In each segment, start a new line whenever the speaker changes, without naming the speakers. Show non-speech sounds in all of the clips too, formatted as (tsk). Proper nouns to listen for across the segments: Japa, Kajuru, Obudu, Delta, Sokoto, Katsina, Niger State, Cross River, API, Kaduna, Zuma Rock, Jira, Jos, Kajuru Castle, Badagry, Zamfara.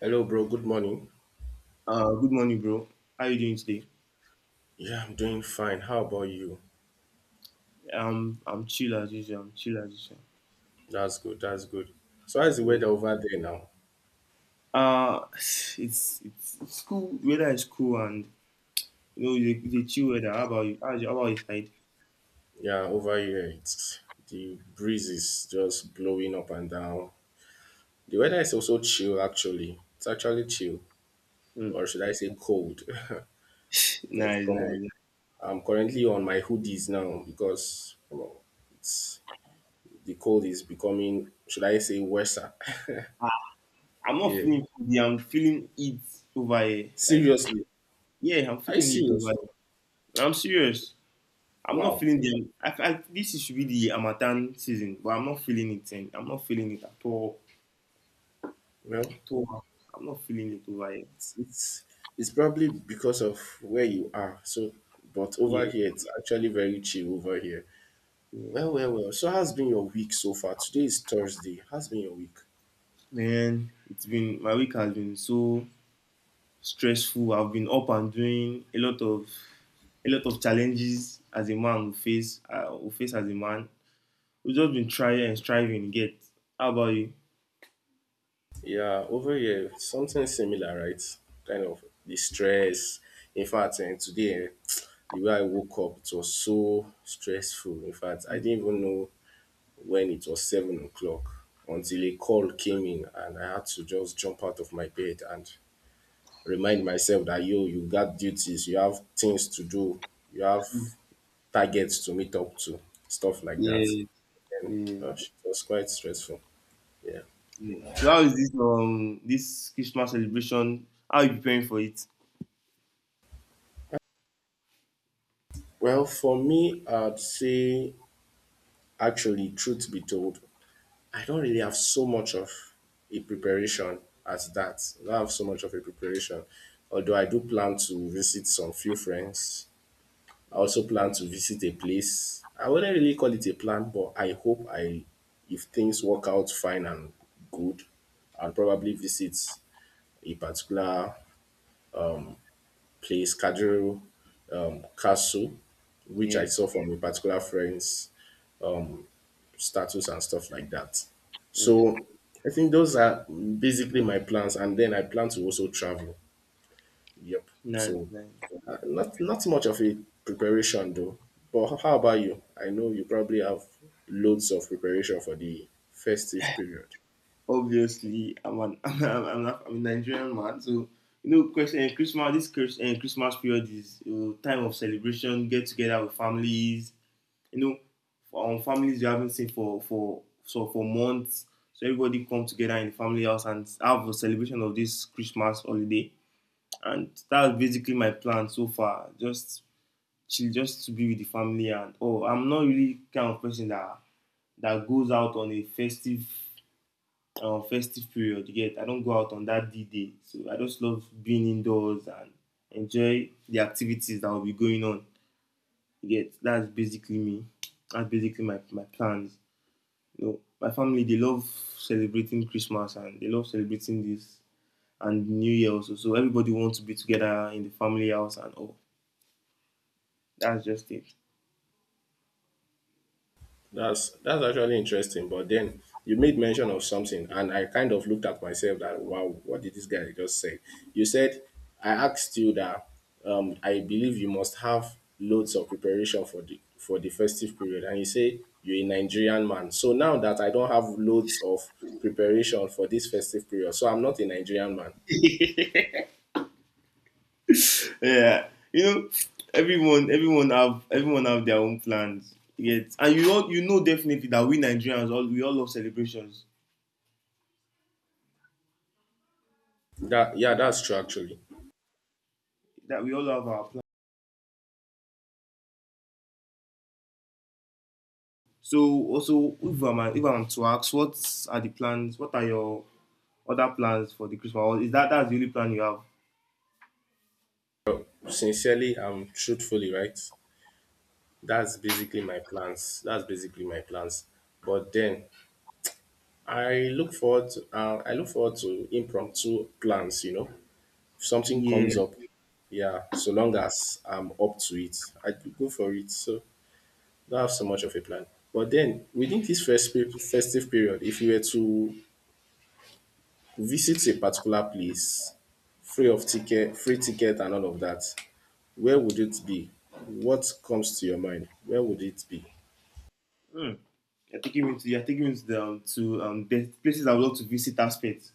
Hello, bro. Good morning.
Good morning, bro. How you doing today?
Yeah, I'm doing fine. How about you?
I'm chill as usual. I'm chill as usual.
That's good. That's good. So, how's the
Yeah.
weather over there now?
Uh, it's it's cool. Weather is cool, and you know the chill weather. How about you? How about your side?
Yeah, over here, it's the breeze is just blowing up and down. The weather is also chill, actually. It's actually chill,
Hmm.
or should I say cold? (laughs)
(sighs) (laughs)
Because,
Nice,
come on,
nice.
I'm currently on my hoodies now because, come on, it's, the cold is becoming, should I say, worse.
I'm
(laughs)
not
Yeah.
feeling cozy. I'm feeling it over here. Like,
Seriously.
yeah, I'm
Are you
feeling it over
serious?
here. I'm serious. I'm not
Wow.
feeling them. This should be the Amatan season, but I'm not feeling it. And I'm not feeling it at all.
Well,
At all. I'm not feeling it over here.
it's it's probably because of where you are. So, but over here,
Yeah.
it's actually very chill over here.
Yeah.
Well, well, well. So, how's been your week so far? Today is Thursday. How's been your week?
Man, it's been my week has been so stressful. I've been up and doing a lot of challenges as a man will face, will face as a man. We've just been trying and striving. To Get How about you?
Yeah, over here, something similar, right? Kind of the stress. In fact, and today, (tsk) the way I woke up, it was so stressful. In fact, I didn't even know when it was 7 o'clock until a call came in, and I had to just jump out of my bed and remind myself that yo, you got duties, you have things to do, you have targets to meet up to, stuff like that.
Yeah,
And
yeah,
it was quite stressful. Yeah.
yeah. So how is this Christmas celebration? How are you preparing for it?
Well, for me, I'd say actually, truth be told, I don't really have so much of a preparation as that. I don't have so much of a preparation. Although I do plan to visit some few friends, I also plan to visit a place. I wouldn't really call it a plan, but I hope I, if things work out fine and good, I'll probably visit a particular place, Kajuru Castle, which I
Yeah,
saw from a particular friend's status and stuff like that.
mm.
So I think those are basically my plans, and then I plan to also travel. Yep.
Nice,
So
nice.
not much of a preparation though. But how about you? I know you probably have loads of preparation for the festive period.
Obviously, I'm an (laughs) a Nigerian man, so Christmas Christmas period is you time of celebration, get together with families, you know, families you haven't seen for months. So everybody come together in the family house and have a celebration of this Christmas holiday. And that's basically my plan so far. Just chill, just to be with the family, and oh, I'm not really kind of person that goes out on a festive period. You get, I don't go out on that D day, so I just love being indoors and enjoy the activities that will be going on. You get, that's basically me. That's basically my plans. You know, my family they love celebrating Christmas, and they love celebrating this and New Year also. So everybody wants to be together in the family house and all. That's just it.
That's actually interesting. But then you made mention of something, and I kind of looked at myself that wow, what did this guy just say? You said I asked you that I believe you must have loads of preparation for the festive period, and you say you're a Nigerian man. So now that I don't have loads of preparation for this festive period, so I'm not a Nigerian man.
Yeah, you know, everyone have their own plans. Yet, and you know definitely that we all love celebrations.
That yeah, that's true actually.
That we all have our plans. So also, if I'm to ask, what are the plans? What are your other plans for the Christmas? Or is that that's the only plan you have?
Sincerely and truthfully, right? That's basically my plans. That's basically my plans. But then I look forward to I look forward to impromptu plans, you know. If something
Yeah.
comes up, yeah, so long as I'm up to it, I could go for it. So don't have so much of a plan. But then within this festive period, if you were to visit a particular place, free of ticket, free ticket and all of that, where would it be? What comes to your mind? Where would it be?
Hmm. You're taking me to the places I would love to visit aspect.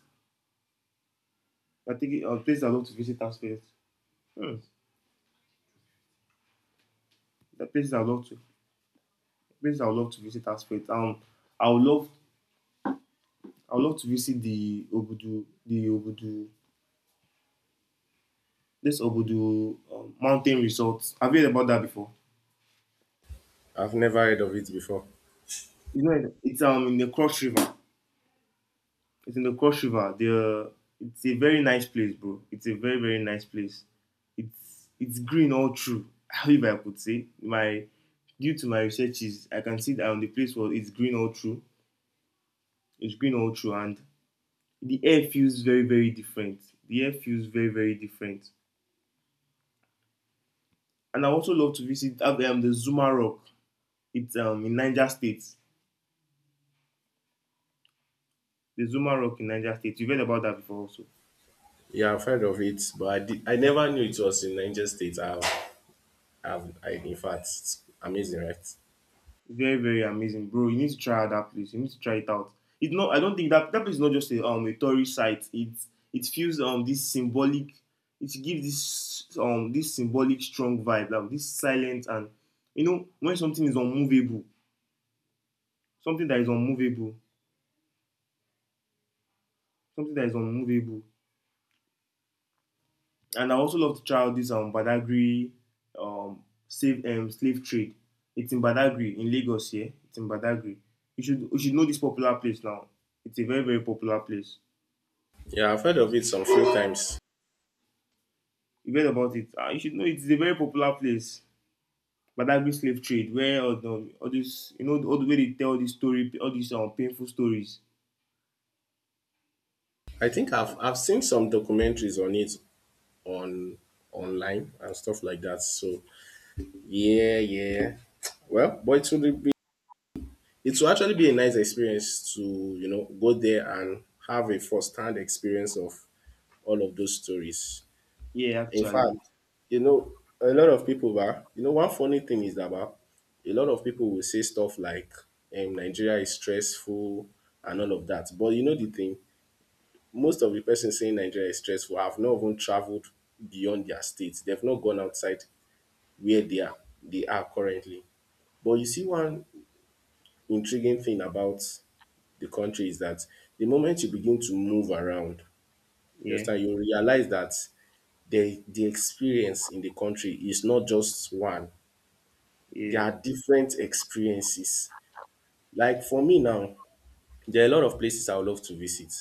You're taking Places I would love to visit aspect. Hmm. The places I would love to places I would love to visit aspect. I would love I would love to visit the Obudu this Obudu mountain resort. Have you heard about that before?
I've never heard of it before.
You know, it's in the Cross River. It's in the Cross River. The it's a very nice place, bro. It's a very very nice place. It's green all through. (laughs) If I could say my Due to my researches, I can see that on the place where it's green all through. It's green all through, and the air feels very very different. The air feels very very different. And I also love to visit the Zuma Rock. It's in Niger State. The Zuma Rock in Niger State. You've heard about that before, also.
Yeah, I've heard of it, but I, did, I never knew it was in Niger State. I, in fact, it's amazing, right?
Very, very amazing, bro. You need to try out that place. You need to try it out. It's not. I don't think that that place is not just a tourist site. It feels this symbolic. It gives this symbolic strong vibe, like this silent, and you know, when something is unmovable, something that is unmovable, something that is unmovable. And I also love to try out this Badagry slave trade. It's in Badagry in Lagos here. It's in Badagry. You should know this popular place now. It's a very very popular place.
Yeah, I've heard of it some few times.
You've heard about it. Ah, you should know it's a very popular place. Badagry slave trade, where all, the, all this, you know, all the way they tell this story, all these painful stories.
I think I've seen some documentaries on it on online and stuff like that. So yeah, yeah. Well, but it will be it will actually be a nice experience to you know go there and have a first hand experience of all of those stories.
Yeah,
In
actually.
fact, you know, a lot of people bah, you know, one funny thing is that bah, a lot of people will say stuff like Nigeria is stressful and all of that. But you know the thing, most of the person saying Nigeria is stressful have not even traveled beyond their states. They've not gone outside where they are currently. But you see one intriguing thing about the country is that the moment you begin to move around, you
Yeah,
understand, you realize that the experience in the country is not just one. There
yeah,
are different experiences. Like for me now, there are a lot of places I would love to visit,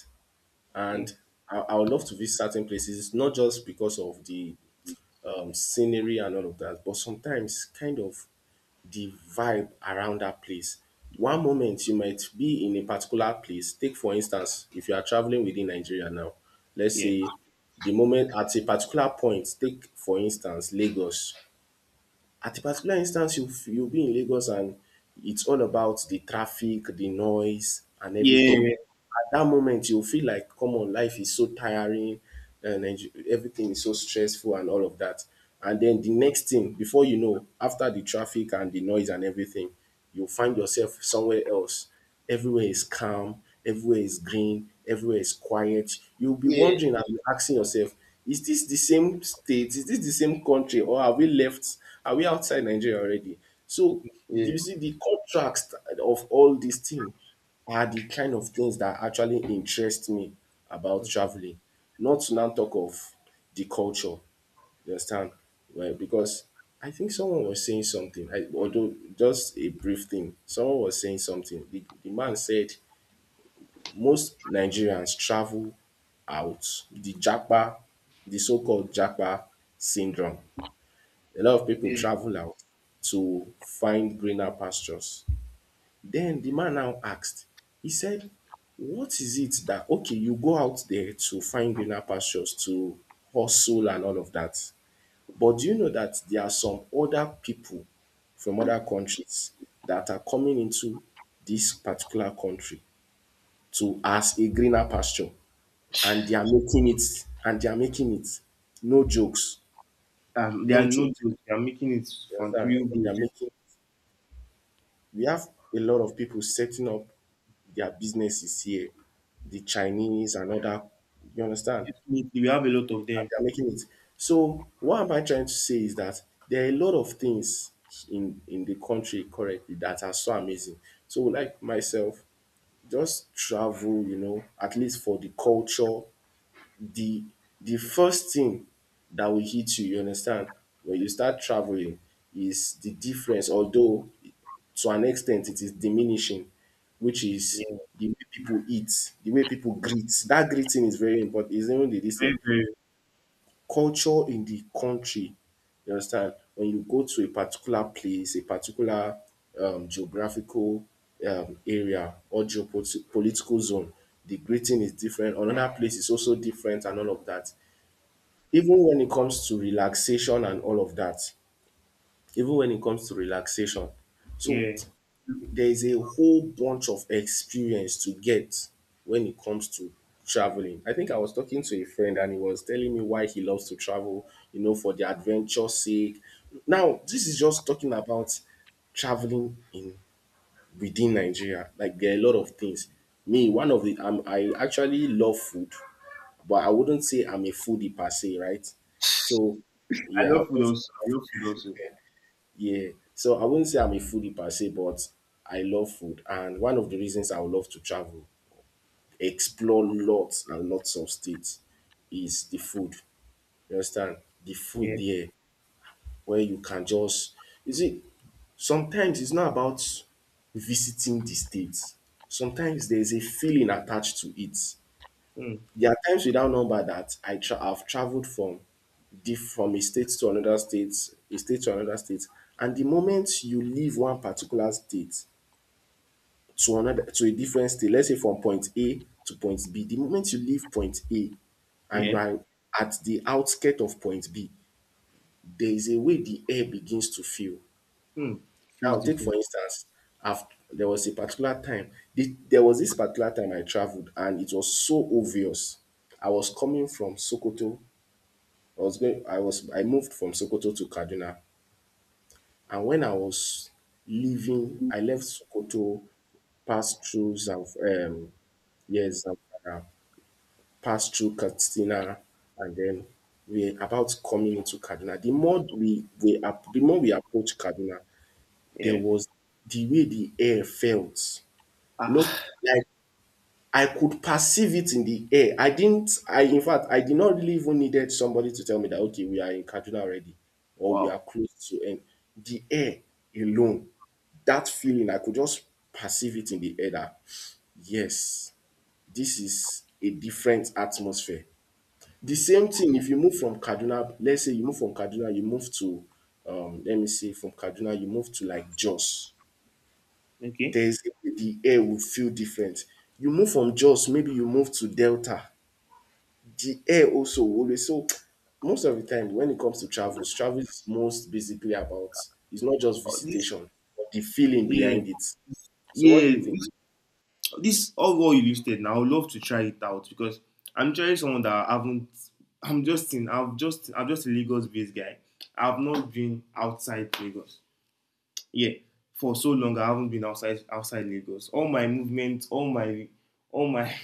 and
mm.
I would love to visit certain places not just because of the scenery and all of that, but sometimes kind of the vibe around that place. One moment you might be in a particular place. Take for instance, if you are traveling within Nigeria now, let's
Yeah,
say the moment at a particular point, take for instance Lagos, at a particular instance you'll be in Lagos and it's all about the traffic, the noise and
yeah,
everything. At that moment you'll feel like come on life is so tiring and everything is so stressful and all of that. And then the next thing, before you know, after the traffic and the noise and everything, you'll find yourself somewhere else. Everywhere is calm, everywhere is green, everywhere is quiet. You'll be
yeah,
wondering and asking yourself, is this the same state? Is this the same country? Or have we left? Are we outside Nigeria already? So
yeah.
you see the contrast of all these things are the kind of things that actually interest me about
Mm.
traveling. Not to now talk of the culture. You understand? Right, because I think someone was saying something, I, although just a brief thing. Someone was saying something. The man said most Nigerians travel out, the Japa, the so-called Japa syndrome. A lot of people
Yeah.
travel out to find greener pastures. Then the man now asked, he said, what is it that okay, you go out there to find greener pastures, to hustle and all of that. But do you know that there are some other people from other countries that are coming into this particular country to as a greener pasture and they are making it and they are making it. No jokes.
They are
No
no
joke.
jokes. They are making it
You
fun,
understand?
real
They are
good.
making we have a lot of people setting up their businesses here. The Chinese and other, you understand?
Definitely, we have a lot of them.
They are making it. So what am I trying to say is that there are a lot of things in the country currently that are so amazing. So like myself, just travel, you know, at least for the culture. The the first thing that will hit you, you understand, when you start traveling is the difference, although to an extent it is diminishing, which is
Yeah,
the way people eat, the way people greet. That greeting is very important. It's even the this
very,
thing
very.
culture in the country. You understand? When you go to a particular place, a particular geographical area or geopolitical zone, the greeting is different. Another place is also different and all of that. Even when it comes to relaxation and all of that, even when it comes to relaxation. So
Yeah,
there is a whole bunch of experience to get when it comes to traveling. I think I was talking to a friend and he was telling me why he loves to travel, you know, for the adventure's sake. Now, this is just talking about traveling in within Nigeria. Like there are a lot of things. Me, one of the I actually love food, but I wouldn't say I'm a foodie per se, right? So
I
yeah, I
love food
wouldn't
also. I love food also.
yeah. So I wouldn't say I'm a foodie per se, but I love food. And one of the reasons I would love to travel, explore lots and lots of states, is the food. You understand? The food
Yeah,
there where you can just you see, sometimes it's not about visiting the states. Sometimes there's a feeling attached to it.
mm.
There are times without number that I've traveled from from a state to another state, a state to another state. And the moment you leave one particular state to another to a different state, let's say from point A to point B, the moment you leave point A and you
Yeah,
are at the outskirt of point B, there is a way the air begins to feel.
mm. Feels
Now, take for
different.
instance, I've, there was a particular time, there was this particular time I traveled and it was so obvious. I was coming from Sokoto, I was going I was I moved from Sokoto to Kaduna, and when I was leaving I left Sokoto, passed through Zamf yes Zamfara, passed through Katsina and then we're about coming into Kaduna. The more the more we approached Kaduna, there
Yeah.
was the way the air felt. You know,
Ah,
like I could perceive it in the air. I didn't, I, in fact, I did not really even needed somebody to tell me that, okay, we are in Kaduna already or we are
wow.
close to end. The air alone, that feeling, I could just perceive it in the air that, yes, this is a different atmosphere. The same thing if you move from Kaduna, let's say you move from Kaduna, you move to, let me say, from Kaduna, you move to like Jos.
Okay.
There's the air will feel different. You move from Jos, maybe you move to Delta. The air also always so most of the time when it comes to travels, travel is most basically about it's not just
Oh, this.
visitation, but the feeling
Yeah.
behind it. So what do
Yeah,
you think?
this all what you listed now. I would love to try it out because I'm trying someone that I haven't. I'm just in. I've just. I'm just a Lagos-based guy. I've not been outside Lagos. Yeah, for so long I haven't been outside Lagos. All my movements, all my (laughs)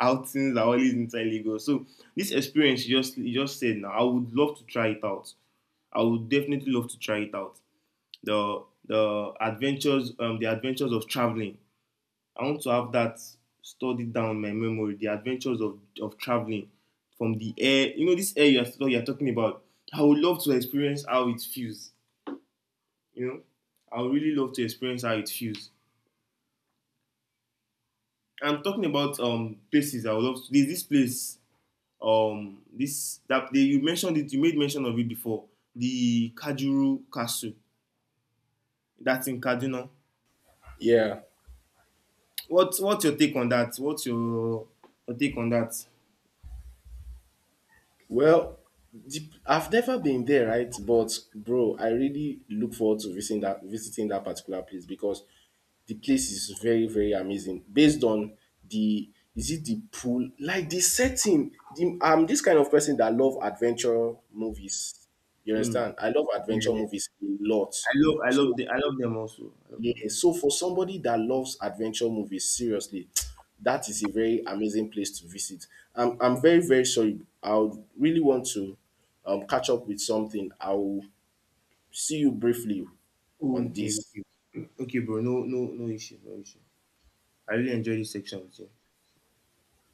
outings are always inside Lagos. So this experience you just said now, I would love to try it out. I would definitely love to try it out. The adventures of traveling. I want to have that studied down my memory, the adventures of traveling from the air. You know, this air you're talking about, I would love to experience how it feels. You know, I would really love to experience how it feels. I'm talking about places I would love to. There's this place, you made mention of it before. The Kajuru Castle, that's in Kaduna.
Yeah.
What's your take on that? What's your take on that?
Well, dep I've never been there, right? But bro, I really look forward to visiting that particular place because the place is very, very amazing. Based on the is it the pool? Like the setting. The, I'm this kind of person that love adventure movies. You
Mm.
understand? I love adventure
Yeah.
movies a lot. So
I love them also. I love
yeah,
them also.
so for somebody that loves adventure movies, seriously, (tsk) that is a very amazing place to visit. I'm very, very sorry. I would really want to catch up with something. I'll see you briefly on
Okay,
this.
okay. Okay, bro. No, no, no issue, no issue. I really enjoy this section with you.